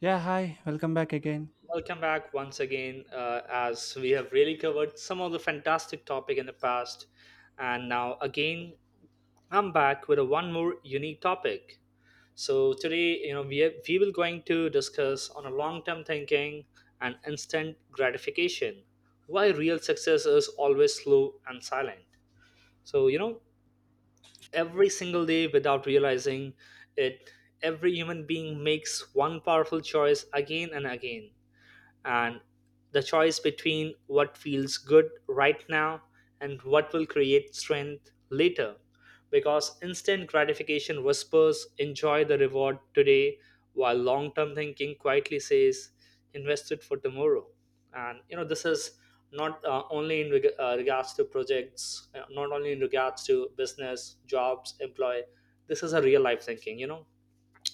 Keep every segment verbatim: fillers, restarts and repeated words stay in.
Yeah, hi, welcome back again. Welcome back once again, uh, as we have really covered some of the fantastic topic in the past, and now again I'm back with a one more unique topic. So today, you know, we have, we will going to discuss on a long-term thinking and instant gratification. Why real success is always slow and silent. So you know, every single day without realizing it, every human being makes one powerful choice again and again, and the choice between what feels good right now and what will create strength later, because instant gratification whispers enjoy the reward today, while long term thinking quietly says invest it for tomorrow. And you know, this is not uh, only in reg- uh, regards to projects, uh, not only in regards to business, jobs, employee. This is a real life thinking, you know.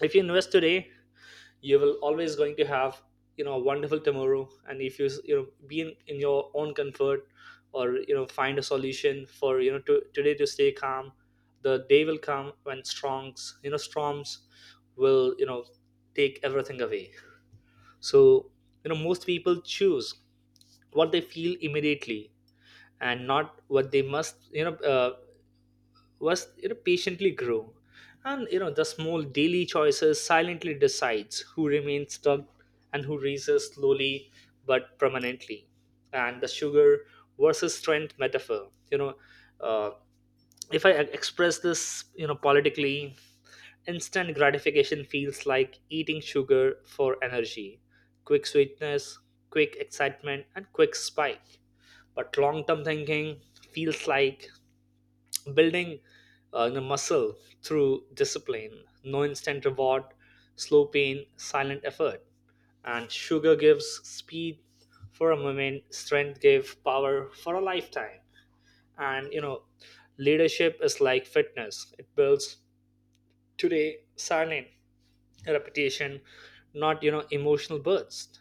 If you invest today, you will always going to have, you know, a wonderful tomorrow. And if you s- you know be in, in your own comfort, or you know find a solution for you know to, today to stay calm, the day will come when strongs you know storms will you know take everything away. So you know, most people choose what they feel immediately and not what they must, you know, uh, was, you know, patiently grow. And you know, the small daily choices silently decides who remains stuck and who rises slowly but permanently. And the sugar versus strength metaphor, you know, uh, if I express this, you know, politically, instant gratification feels like eating sugar for energy: quick sweetness, quick excitement and quick spike. But long term thinking feels like building uh, you know, muscle through discipline: no instant reward, slow pain, silent effort. And sugar gives speed for a moment, strength gives power for a lifetime. And you know, leadership is like fitness, it builds today silent repetition, not you know, emotional bursts.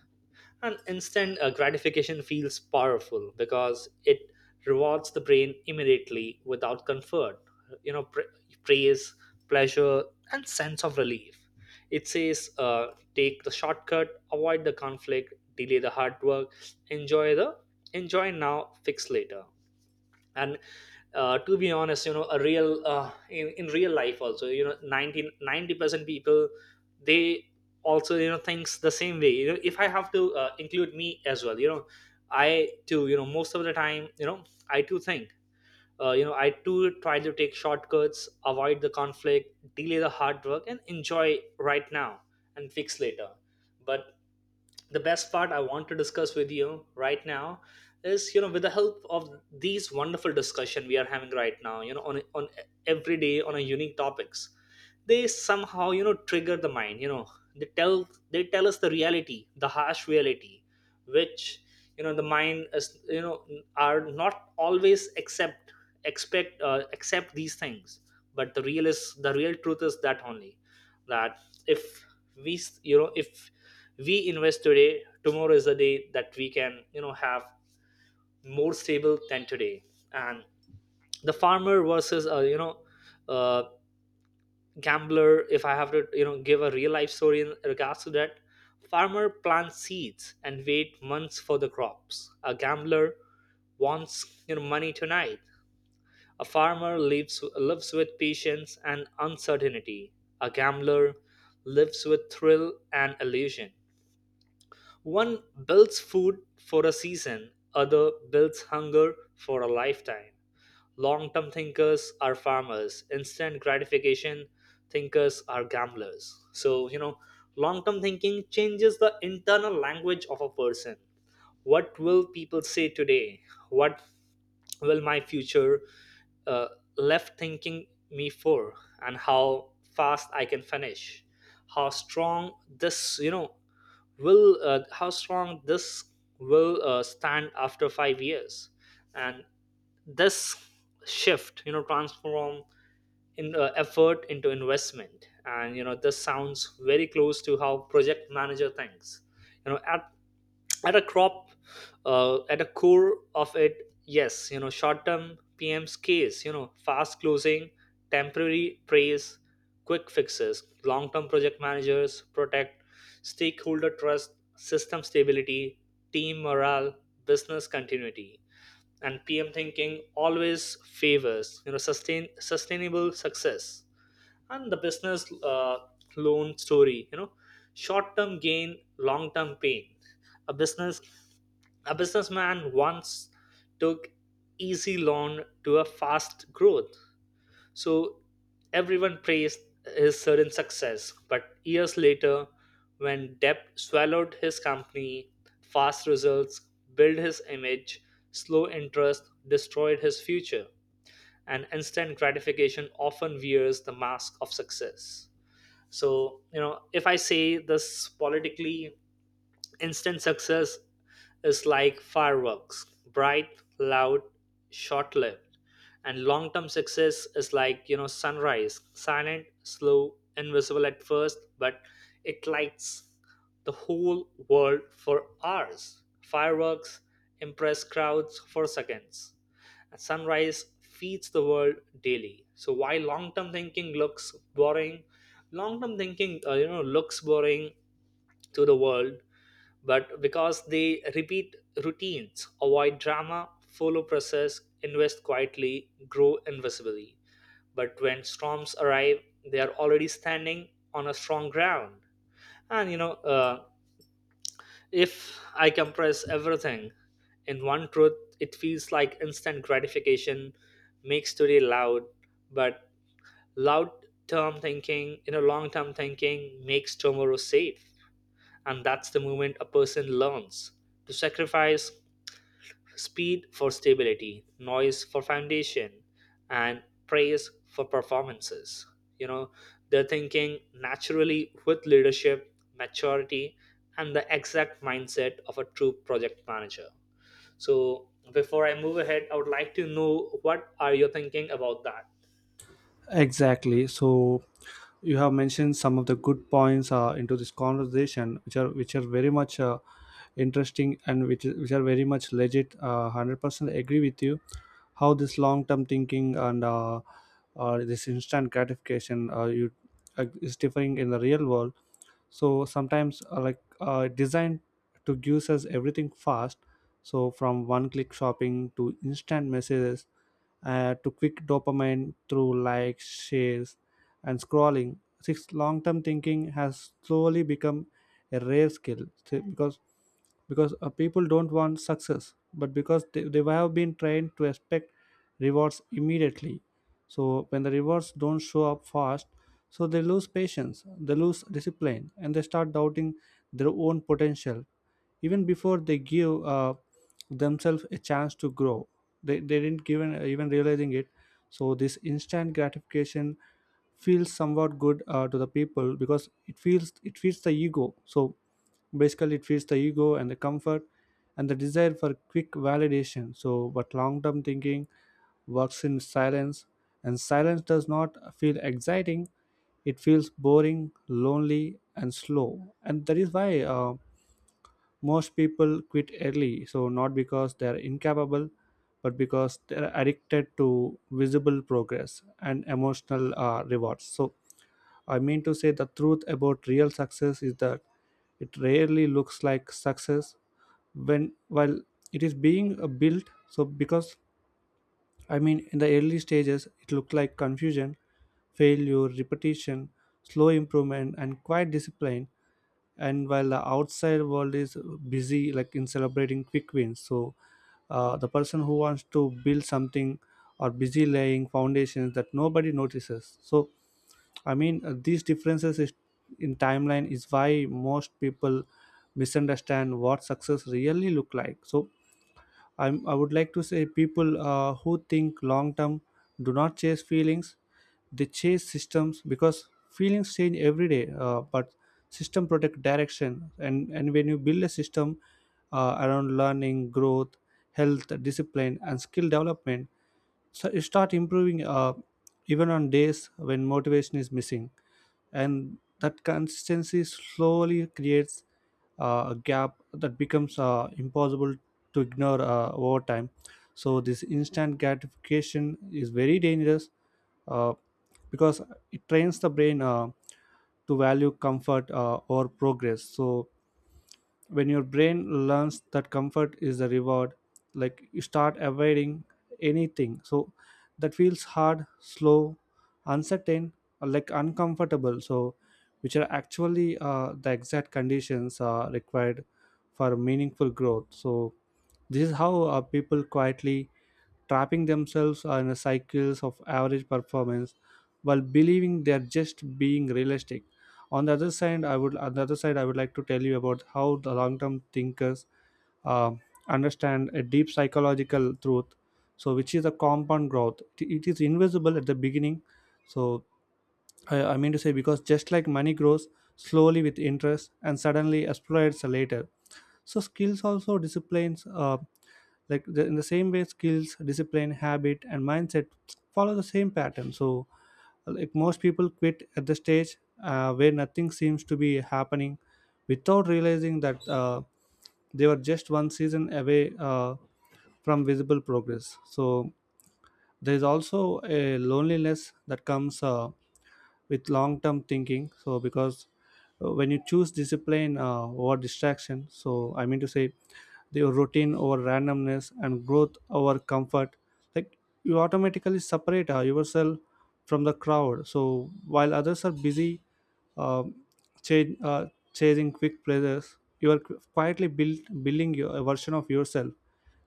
And instant uh, gratification feels powerful because it rewards the brain immediately without comfort. You know, pra- praise, pleasure, and sense of relief. It says, uh, take the shortcut, avoid the conflict, delay the hard work, enjoy the enjoy now, fix later. And uh, to be honest, you know, a real uh, in, in real life also, you know, nineteen ninety percent people, they also you know thinks the same way. You know, if I have to uh, include me as well, you know, I too, you know, most of the time, you know, I too think, uh, you know, I too try to take shortcuts, avoid the conflict, delay the hard work and enjoy right now and fix later. But the best part I want to discuss with you right now is, you know, with the help of these wonderful discussion we are having right now, you know, on on every day on a unique topics, they somehow you know trigger the mind, you know. They tell they tell us the reality, the harsh reality, which, you know, the mind is, you know, are not always accept, expect uh, accept these things. But the real is the real truth is that only, that if we s- you know if we invest today, tomorrow is a day that we can, you know, have more stable than today. And the farmer versus uh, you know uh, gambler, if I have to you know give a real life story in regards to that: farmer plants seeds and wait months for the crops, a gambler wants you know money tonight. A farmer lives lives with patience and uncertainty, a gambler lives with thrill and illusion. One builds food for a season, other builds hunger for a lifetime. Long term thinkers are farmers, instant gratification thinkers are gamblers. So, you know, long term thinking changes the internal language of a person. What will people say today? What will my future uh, left thinking me for? And how fast I can finish? How strong this, you know, will, uh, how strong this will uh, stand after five years? And this shift you know transform in uh, effort into investment. And you know, this sounds very close to how project manager thinks, you know, at at a crop uh, at a core of it. Yes, you know, short term PM's case, you know, fast closing, temporary praise, quick fixes. Long term project managers protect stakeholder trust, system stability, team morale, business continuity. And PM thinking always favors, you know, sustain sustainable success. And the business uh, loan story, you know, short term gain, long term pain. a business a businessman once took easy loan to a fast growth. So everyone praised his sudden success, but years later, when Depp swallowed his company, fast results built his image, slow interest destroyed his future, and instant gratification often wears the mask of success. So, you know, if I say this politically, instant success is like fireworks: bright, loud, short lived. And long term success is like, you know, sunrise: silent, slow, invisible at first, but it lights the whole world for hours. Fireworks impress crowds for seconds, and sunrise feeds the world daily. So while long term thinking looks boring, long term thinking, uh, you know, looks boring to the world, but because they repeat routines, avoid drama, follow process, invest quietly, grow invisibly. But when storms arrive, they are already standing on a strong ground. And you know, uh, if I compress everything in one truth, it feels like instant gratification makes today loud, but loud term thinking, you know, long term thinking makes tomorrow safe. And that's the moment a person learns to sacrifice speed for stability, noise for foundation, and praise for performances. You know, they're thinking naturally with leadership, maturity, and the exact mindset of a true project manager. So, before I move ahead, I would like to know what are you thinking about that. Exactly. So you have mentioned some of the good points uh, into this conversation, which are which are very much uh, interesting, and which is- which are very much legit. Uh, Hundred percent agree with you. How this long term thinking and uh, uh, this instant gratification uh, you uh, is differing in the real world. So sometimes uh, like uh, designed to give us everything fast. So from one click shopping to instant messages uh, to quick dopamine through likes, shares, and scrolling. Six long term thinking has slowly become a rare skill th- because because uh, people don't want success, but because they, they have been trained to expect rewards immediately. So when the rewards don't show up fast, so they lose patience, they lose discipline, and they start doubting their own potential even before they give uh, themselves a chance to grow. They, they didn't given even realizing it. So this instant gratification feels somewhat good uh, to the people because it feels it feeds the ego. So basically it feeds the ego and the comfort and the desire for quick validation, so but long term thinking works in silence, and silence does not feel exciting. It feels boring, lonely, and slow, and that is why uh, most people quit early, so not because they are incapable, but because they are addicted to visible progress and emotional uh, rewards. So, I mean to say, the truth about real success is that it rarely looks like success when while it is being uh, built. So, because, I mean, in the early stages, it looked like confusion, failure, repetition, slow improvement, and quiet discipline. And while the outside world is busy like in celebrating quick wins, so uh, the person who wants to build something are busy laying foundations that nobody notices. So, I mean, uh, these differences is, in timeline is why most people misunderstand what success really look like. So I'm, I would like to say people uh, who think long term do not chase feelings, they chase systems, because feelings change every day, uh, but system protect direction. And, and when you build a system uh, around learning, growth, health, discipline, and skill development, so you start improving uh, even on days when motivation is missing, and that consistency slowly creates uh, a gap that becomes uh, impossible to ignore uh, over time. So this instant gratification is very dangerous, uh, because it trains the brain uh, to value comfort uh, or progress. So when your brain learns that comfort is the reward, like, you start avoiding anything so that feels hard, slow, uncertain, or like uncomfortable, so which are actually uh, the exact conditions uh, required for meaningful growth. So this is how uh, people quietly trapping themselves in the cycles of average performance while believing they're just being realistic. On the other side, I would on the other side I would like to tell you about how the long-term thinkers uh, understand a deep psychological truth. So, which is a compound growth. It is invisible at the beginning. So, I, I mean to say, because just like money grows slowly with interest and suddenly explodes later, so skills also disciplines, uh, like the, in the same way skills discipline habit and mindset follow the same pattern. So, like, most people quit at the stage uh, where nothing seems to be happening without realizing that uh, they were just one season away uh, from visible progress. So there is also a loneliness that comes uh, with long term thinking, so because uh, when you choose discipline uh, over distraction, so, I mean to say, the routine over randomness and growth over comfort, like, you automatically separate uh, yourself from the crowd. So while others are busy, um, cha- uh, chasing quick pleasures, you are qu- quietly build, building your, a version of yourself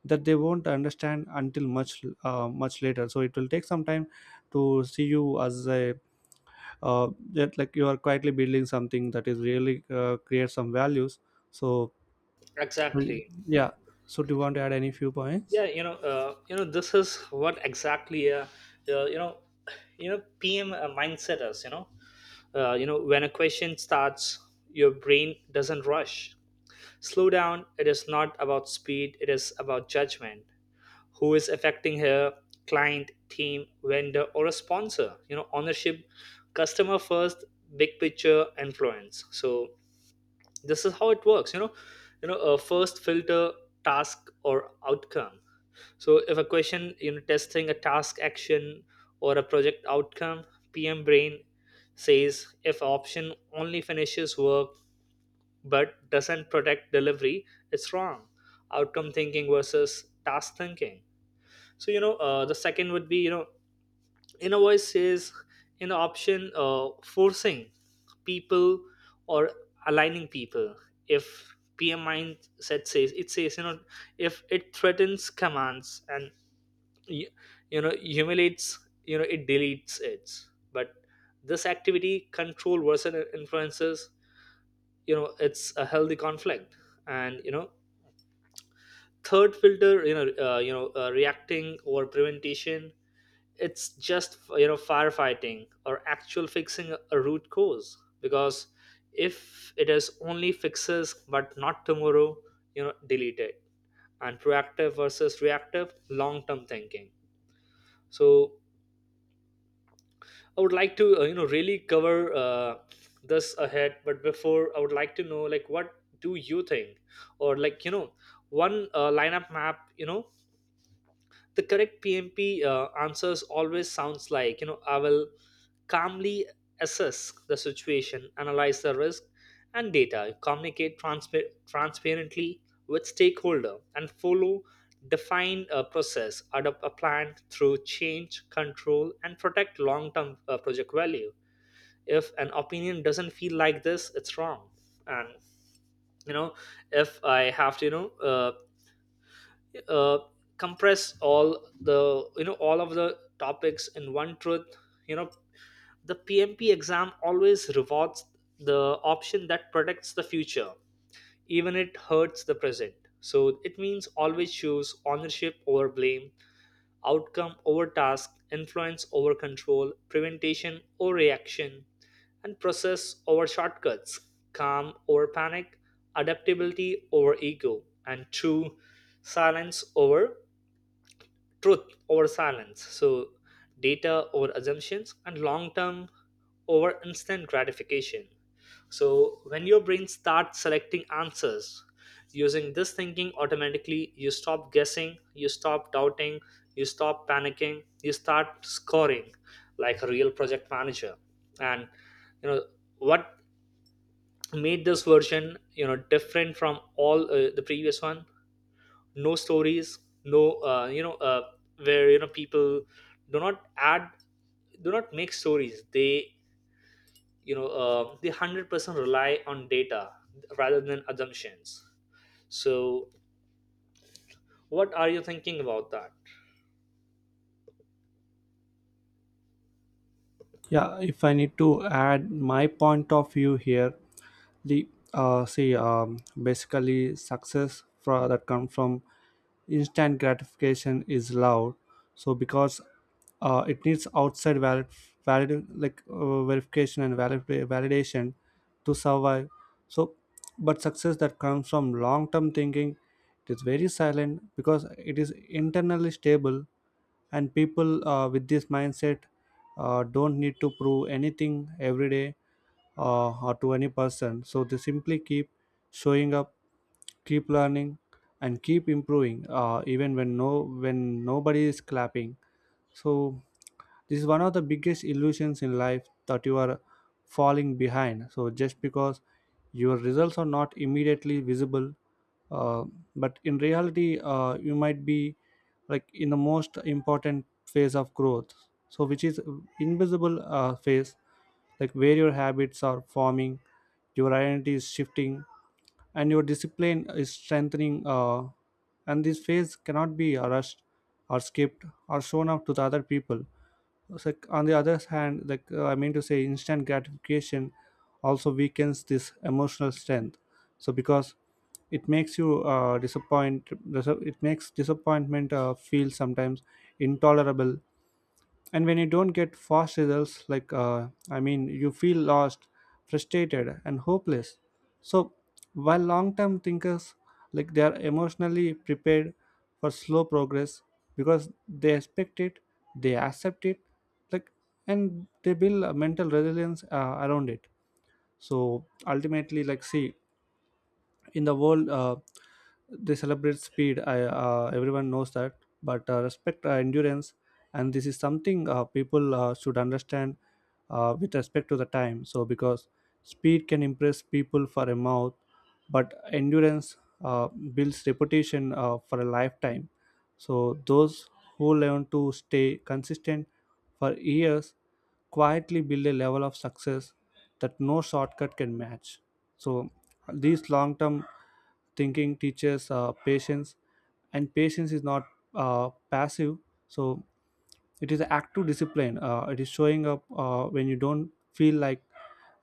that they won't understand until much uh, much later. So it will take some time to see you as a uh, that, like, you are quietly building something that is really uh, create some values. So and- Exactly? yeah. So, do you want to add any few Yeah, points? you know, uh, you know, this is what exactly, uh, uh, you know, you know, P M mindset is. You know, Uh, you know, when a question starts, your brain doesn't rush. Slow down. It is not about speed, it is about judgment. Who is affecting her? Client, team, vendor, or a sponsor? You know, ownership, customer first, big picture, influence. So this is how it works. You know, you know, uh, first filter: task or outcome. So if a question, you know, testing a task action or a project outcome, P M brain says, if option only finishes work but doesn't protect delivery, it's wrong. Outcome thinking versus task thinking. So you know, uh, the second would be, you know, inner voice says, you know, option uh, forcing people or aligning people. If P M mindset says, it says, you know, if it threatens, commands and you, you know, humiliates, you know, it deletes it. But this activity, control versus influences, you know, it's a healthy conflict. And you know, third filter, you know, uh, you know uh, reacting or prevention, it's just you know firefighting or actual fixing a root cause, because if it is only fixes but not tomorrow, you know, delete it. And proactive versus reactive long term thinking. So I would like to, uh, you know, really cover uh, this ahead. But before, I would like to know, like, what do you think, or like, you know, one uh, lineup map, you know, the correct P M P uh, answers always sounds like, you know, I will calmly assess the situation, analyze the risk and data, communicate transpa- transparently with stakeholder, and follow define a process, adopt a plan through change, control, and protect long-term uh, project value. If an opinion doesn't feel like this, it's wrong. And you know, if I have to you know uh, uh, compress all the you know all of the topics in one truth, you know, the PMP exam always rewards the option that protects the future, even it hurts the present. So it means, always choose ownership over blame, outcome over task, influence over control, preventation over reaction, and process over shortcuts, calm over panic, adaptability over ego, and true silence over truth over silence, so data over assumptions and long term over instant gratification. So when your brain starts selecting answers using this thinking automatically, you stop guessing, you stop doubting, you stop panicking, you start scoring like a real project manager. And you know, what made this version, you know, different from all uh, the previous one: no stories, no uh, you know uh, where you know people do not add do not make stories. They you know uh, they one hundred percent rely on data rather than assumptions. So what are you thinking about that? Yeah, if I need to add my point of view here, the uh, see, um, basically, success for, that comes from instant gratification is loud. So, because uh, it needs outside valid, valid like uh, verification and valid, validation to survive. So, but success that comes from long term thinking, it is very silent because it is internally stable, and people uh, with this mindset uh, don't need to prove anything every day uh, or to any person. So they simply keep showing up, keep learning, and keep improving uh, even when no when nobody is clapping. So this is one of the biggest illusions in life, that you are falling behind. So just because your results are not immediately visible, uh, but in reality, uh, you might be like in the most important phase of growth, So which is invisible uh, phase, like where your habits are forming, your identity is shifting, and your discipline is strengthening. Uh, and this phase cannot be rushed or skipped or shown off to the other people. So, on the other hand, like, uh, I mean to say, instant gratification also weakens this emotional strength. So, because it makes you uh, disappoint, it makes disappointment uh, feel sometimes intolerable. And when you don't get fast results, like, uh, I mean, you feel lost, frustrated, and hopeless. So while long term thinkers, like, they are emotionally prepared for slow progress, because they expect it, they accept it, like, and they build a mental resilience uh, around it. So ultimately, like, see, in the world uh, they celebrate speed, I, uh, everyone knows that, but uh, respect uh, endurance, and this is something uh, people uh, should understand uh, with respect to the time. So, because speed can impress people for a month, but endurance uh, builds reputation uh, for a lifetime. So those who learn to stay consistent for years quietly build a level of success that no shortcut can match. So these long term thinking teaches uh, patience, and patience is not uh, passive. So it is active discipline. Uh, it is showing up uh, when you don't feel like,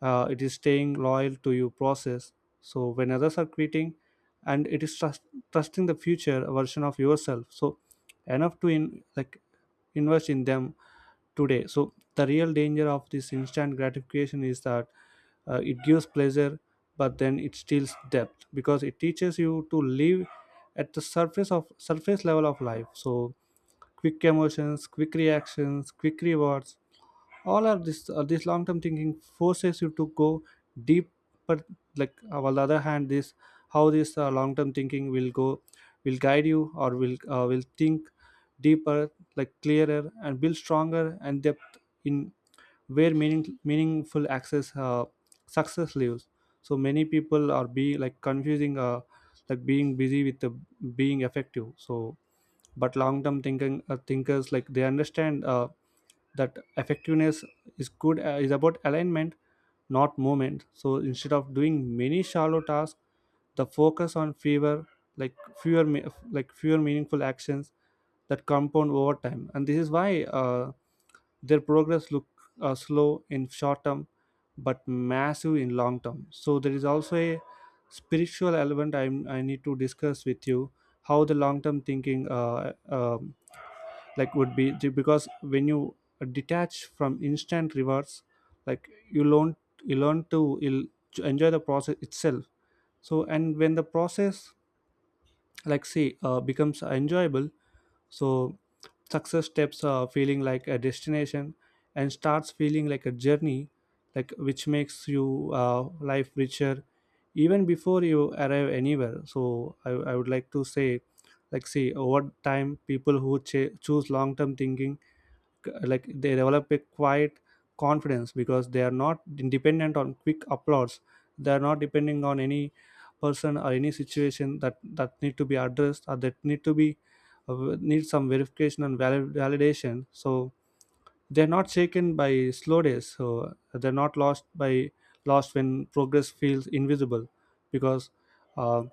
uh, it is staying loyal to your process, so when others are quitting. And it is trust, trusting the future version of yourself, so enough to in like invest in them today. So the real danger of this instant gratification is that, uh, it gives pleasure, but then it steals depth, because it teaches you to live at the surface of surface level of life. So quick emotions, quick reactions, quick rewards, all of this uh, this long term thinking forces you to go deep. But, like, on the other hand, this how this uh, long term thinking will go will guide you, or will uh, will think deeper, like clearer and build stronger and depth in where meaning meaningful access uh, success lives. So many people are being like confusing uh, like being busy with the being effective. So, but long term thinking uh, thinkers, like, they understand uh, that effectiveness is good uh, is about alignment, not movement. So instead of doing many shallow tasks, the focus on fewer like fewer me- like fewer meaningful actions that compound over time. And this is why uh, their progress look uh, slow in short term, but massive in long term. So there is also a spiritual element I I need to discuss with you, how the long term thinking uh, um, like would be, because when you detach from instant rewards, like, you learn you learn to you'll enjoy the process itself. So, and when the process, like, say, uh, becomes enjoyable, so success steps uh, feeling like a destination and starts feeling like a journey, like, which makes you uh, life richer even before you arrive anywhere. So, I, I would like to say, like, see, over time, people who ch- choose long-term thinking, like, they develop a quiet confidence because they are not dependent on quick applause. They are not depending on any person or any situation that that need to be addressed, or that need to be uh, need some verification and valid, validation. So they're not shaken by slow days, so they're not lost by lost when progress feels invisible, because uh,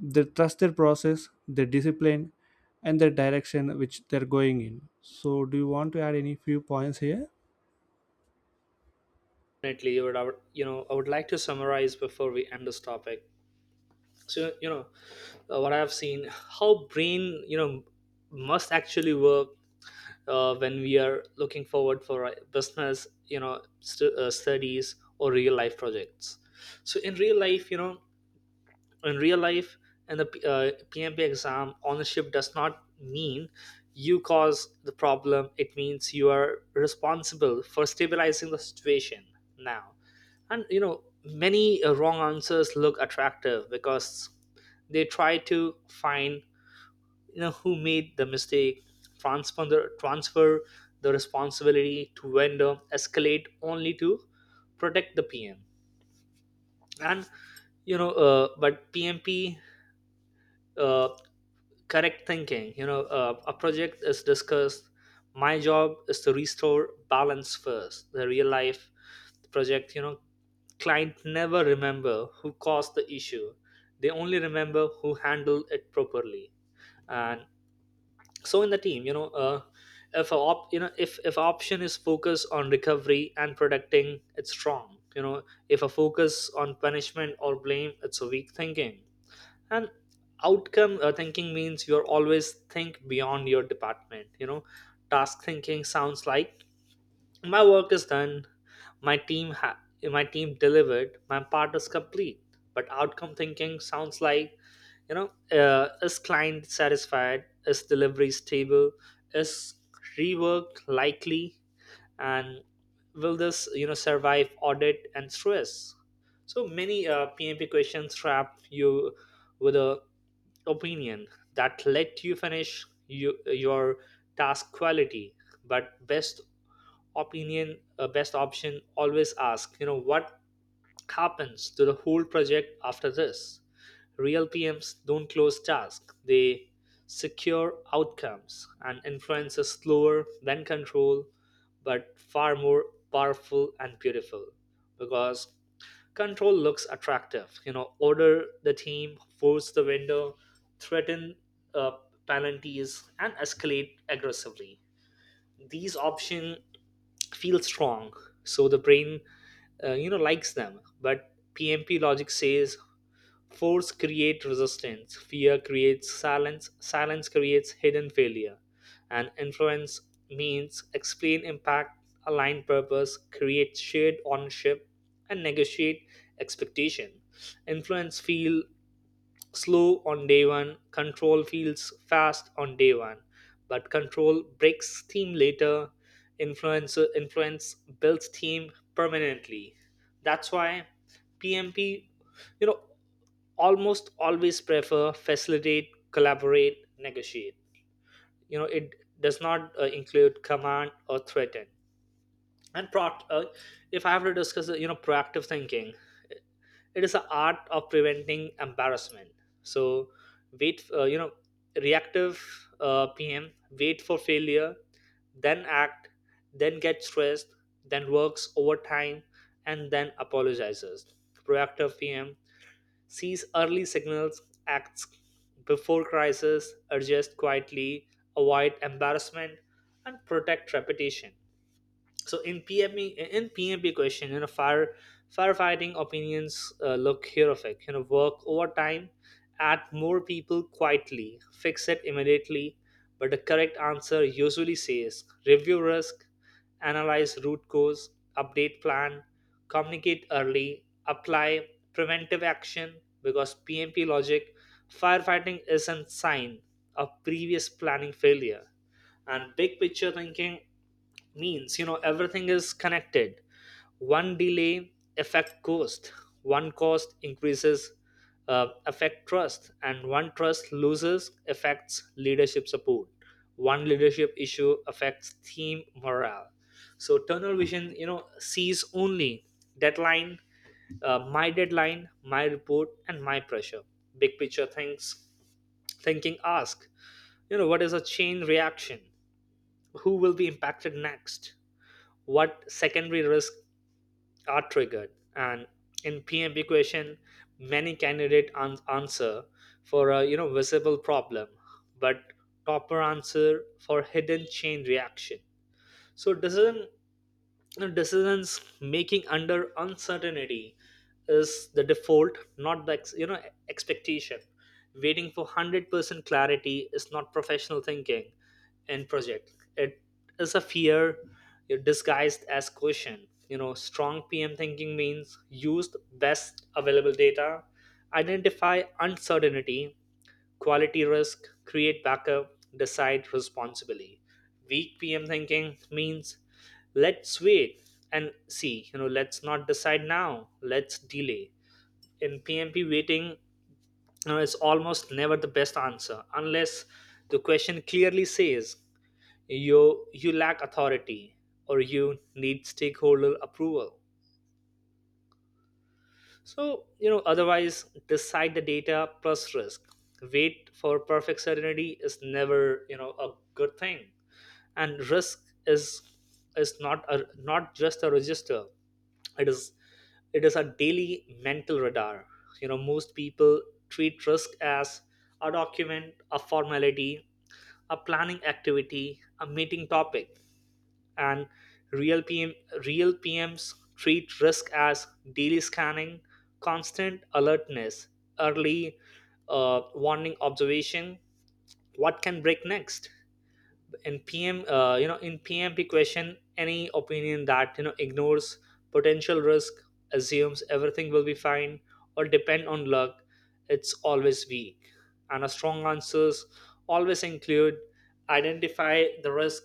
they trust their process, their discipline, and their direction which they're going in. So, do you want to add any few points here? Definitely, you would I would- you know I would like to summarize before we end this topic. So you know, uh, what I have seen, how brain, you know, must actually work uh, when we are looking forward for uh, business, you know, st- uh, studies or real life projects. So in real life you know in real Life in the P- uh, PMP exam, ownership does not mean you cause the problem. It means you are responsible for stabilizing the situation now. And you know, many uh, wrong answers look attractive because they try to find, you know, who made the mistake, transfer the transfer the responsibility to vendor, escalate only to protect the PM. And you know, uh, but PMP uh, correct thinking, you know, uh, a project is discussed, my job is to restore balance first. The real life project, you know, client never remember who caused the issue, they only remember who handled it properly. And so in the team, you know, uh, if a op, you know, if if option is focus on recovery and protecting, it's strong, you know. If a focus on punishment or blame, it's a weak thinking. And outcome uh, thinking means you're always think beyond your department, you know. Task thinking sounds like my work is done, my team ha- my team delivered, my part is complete. But outcome thinking sounds like, you know, uh, is client satisfied, is delivery stable, is rework likely, and will this, you know, survive audit and stress? So many uh, PMP questions trap you with a opinion that let you finish you, your task quality, but best opinion, uh, best option always ask, you know, what happens to the whole project after this? Real P Ms don't close tasks, they secure outcomes, and influence is slower than control, but far more powerful and beautiful, because control looks attractive. You know, order the team, force the vendor, threaten uh, penalties, and escalate aggressively. These options feel strong, so the brain, uh, you know, likes them, but PMP logic says force creates resistance, fear creates silence, silence creates hidden failure. And influence means explain impact, align purpose, create shared ownership, and negotiate expectation. Influence feel slow on day one, control feels fast on day one, but control breaks steam later. Influence influence builds steam permanently. That's why P M P, you know, almost always prefer facilitate, collaborate, negotiate. You know, it does not uh, include command or threaten. And pro- uh, if I have to discuss, uh, you know, proactive thinking, it is an art of preventing embarrassment. So wait, uh, you know, reactive uh, PM wait for failure, then act, then get stressed, then works overtime, and then apologizes. Proactive PM sees early signals, acts before crisis, adjust quietly, avoid embarrassment, and protect reputation. So in P M P in P M P question, you know, fire firefighting opinions uh, look horrific. You know, work overtime, add more people quietly, fix it immediately. But the correct answer usually says review risk, analyze root cause, update plan, communicate early, apply preventive action. Because P M P logic, firefighting isn't sign of previous planning failure. And big picture thinking means, you know, everything is connected. One delay affect cost, one cost increases uh, affect trust, and one trust loses affects leadership support, one leadership issue affects team morale. So tunnel vision, you know, sees only deadline, uh, my deadline, my report, and my pressure. Big picture thinks thinking ask, you know, what is a chain reaction, who will be impacted next, what secondary risks are triggered? And in P M P question, many candidate an- answer for a, you know, visible problem, but topper answer for hidden chain reaction. So decision you know, decisions making under uncertainty is the default, not the ex- you know, expectation. Waiting for a hundred percent clarity is not professional thinking in project. It is a fear disguised as caution. You know, strong PM thinking means use the best available data, identify uncertainty, quality risk, create backup, decide responsibly. Weak P M thinking means let's wait and see, you know, let's not decide now, let's delay. In P M P, waiting you is almost never the best answer unless the question clearly says you you lack authority or you need stakeholder approval. So, you know, otherwise, decide the data plus risk. Wait for perfect certainty is never, you know, a good thing. And risk is is not a not just a register. It is it is a daily mental radar. You know, most people treat risk as a document, a formality, a planning activity, a meeting topic. And real P M real P Ms treat risk as daily scanning, constant alertness, early uh, warning observation, what can break next. In pm uh, you know, in PMP question, any opinion that, you know, ignores potential risk, assumes everything will be fine, or depend on luck, it's always weak. And a strong answers always include identify the risk,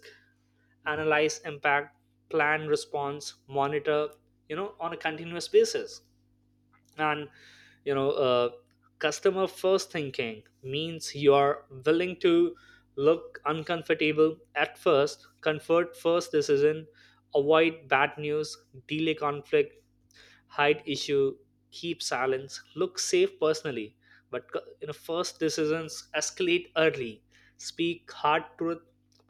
analyze impact, plan response, monitor, you know, on a continuous basis. And you know, uh, customer first thinking means you are willing to look uncomfortable at first. Comfort first decision avoid bad news, delay conflict, hide issue, keep silence, look safe personally. But you know, first decisions escalate early, speak hard truth,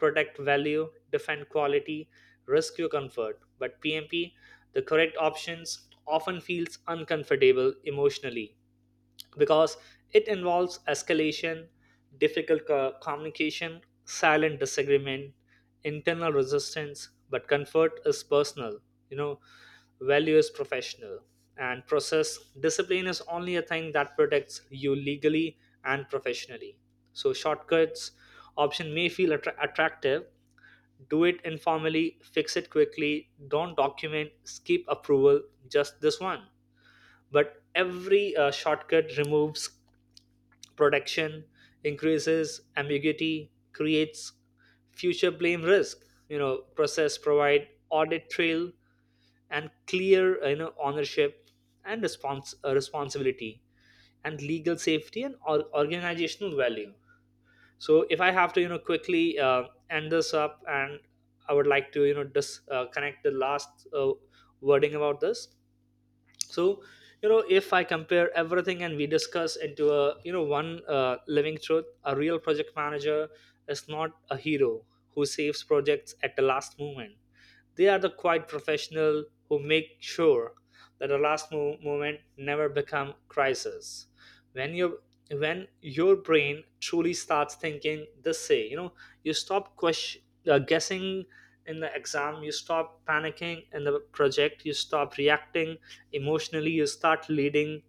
protect value, defend quality, risk your comfort. But PMP, the correct options often feels uncomfortable emotionally, because it involves escalation, difficult co- communication, silent disagreement, internal resistance. But comfort is personal, you know, value is professional. And process discipline is only a thing that protects you legally and professionally. So shortcuts option may feel attra- attractive. Do it informally, fix it quickly, don't document, skip approval, just this one. But every uh, shortcut removes protection, increases ambiguity, creates future blame risk. You know, process provide audit trail, and clear, you know, ownership, and respons- uh, responsibility, and legal safety, and or- organizational value. So if I have to, you know, quickly uh, end this up, and I would like to, you know, just uh, connect the last uh, wording about this. So you know, if I compare everything and we discuss into a, you know, one uh, living truth, a real project manager is not a hero who saves projects at the last moment. They are the quiet professional who make sure that the last mo- moment never become crisis. When your when your brain truly starts thinking this say, you know, you stop question, uh, guessing in the exam, you stop panicking in the project, you stop reacting emotionally, you start leading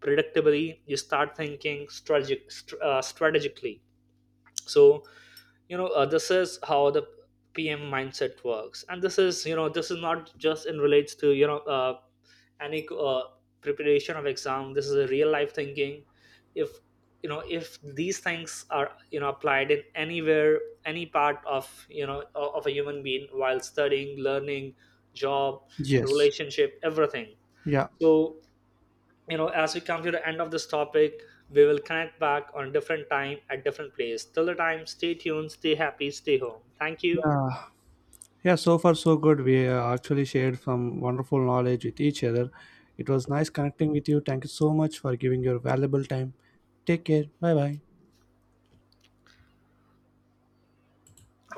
predictably, you start thinking strategic, str- uh, strategically. So you know, uh, this is how the PM mindset works, and this is, you know, this is not just in relates to, you know, uh, any uh, preparation of exam. This is a real life thinking. If you know, if these things are, you know, applied in anywhere, any part of, you know, o- of a human being, while studying, learning, job, Yes. relationship, everything. Yeah. So you know, as we come to the end of this topic, we will connect back on different time at different place. Till the time, stay tuned, stay happy, stay home, thank you. Yeah, yeah, so far so good. We uh, actually shared some wonderful knowledge with each other. It was nice connecting with you. Thank you so much for giving your valuable time. Take care. Bye bye.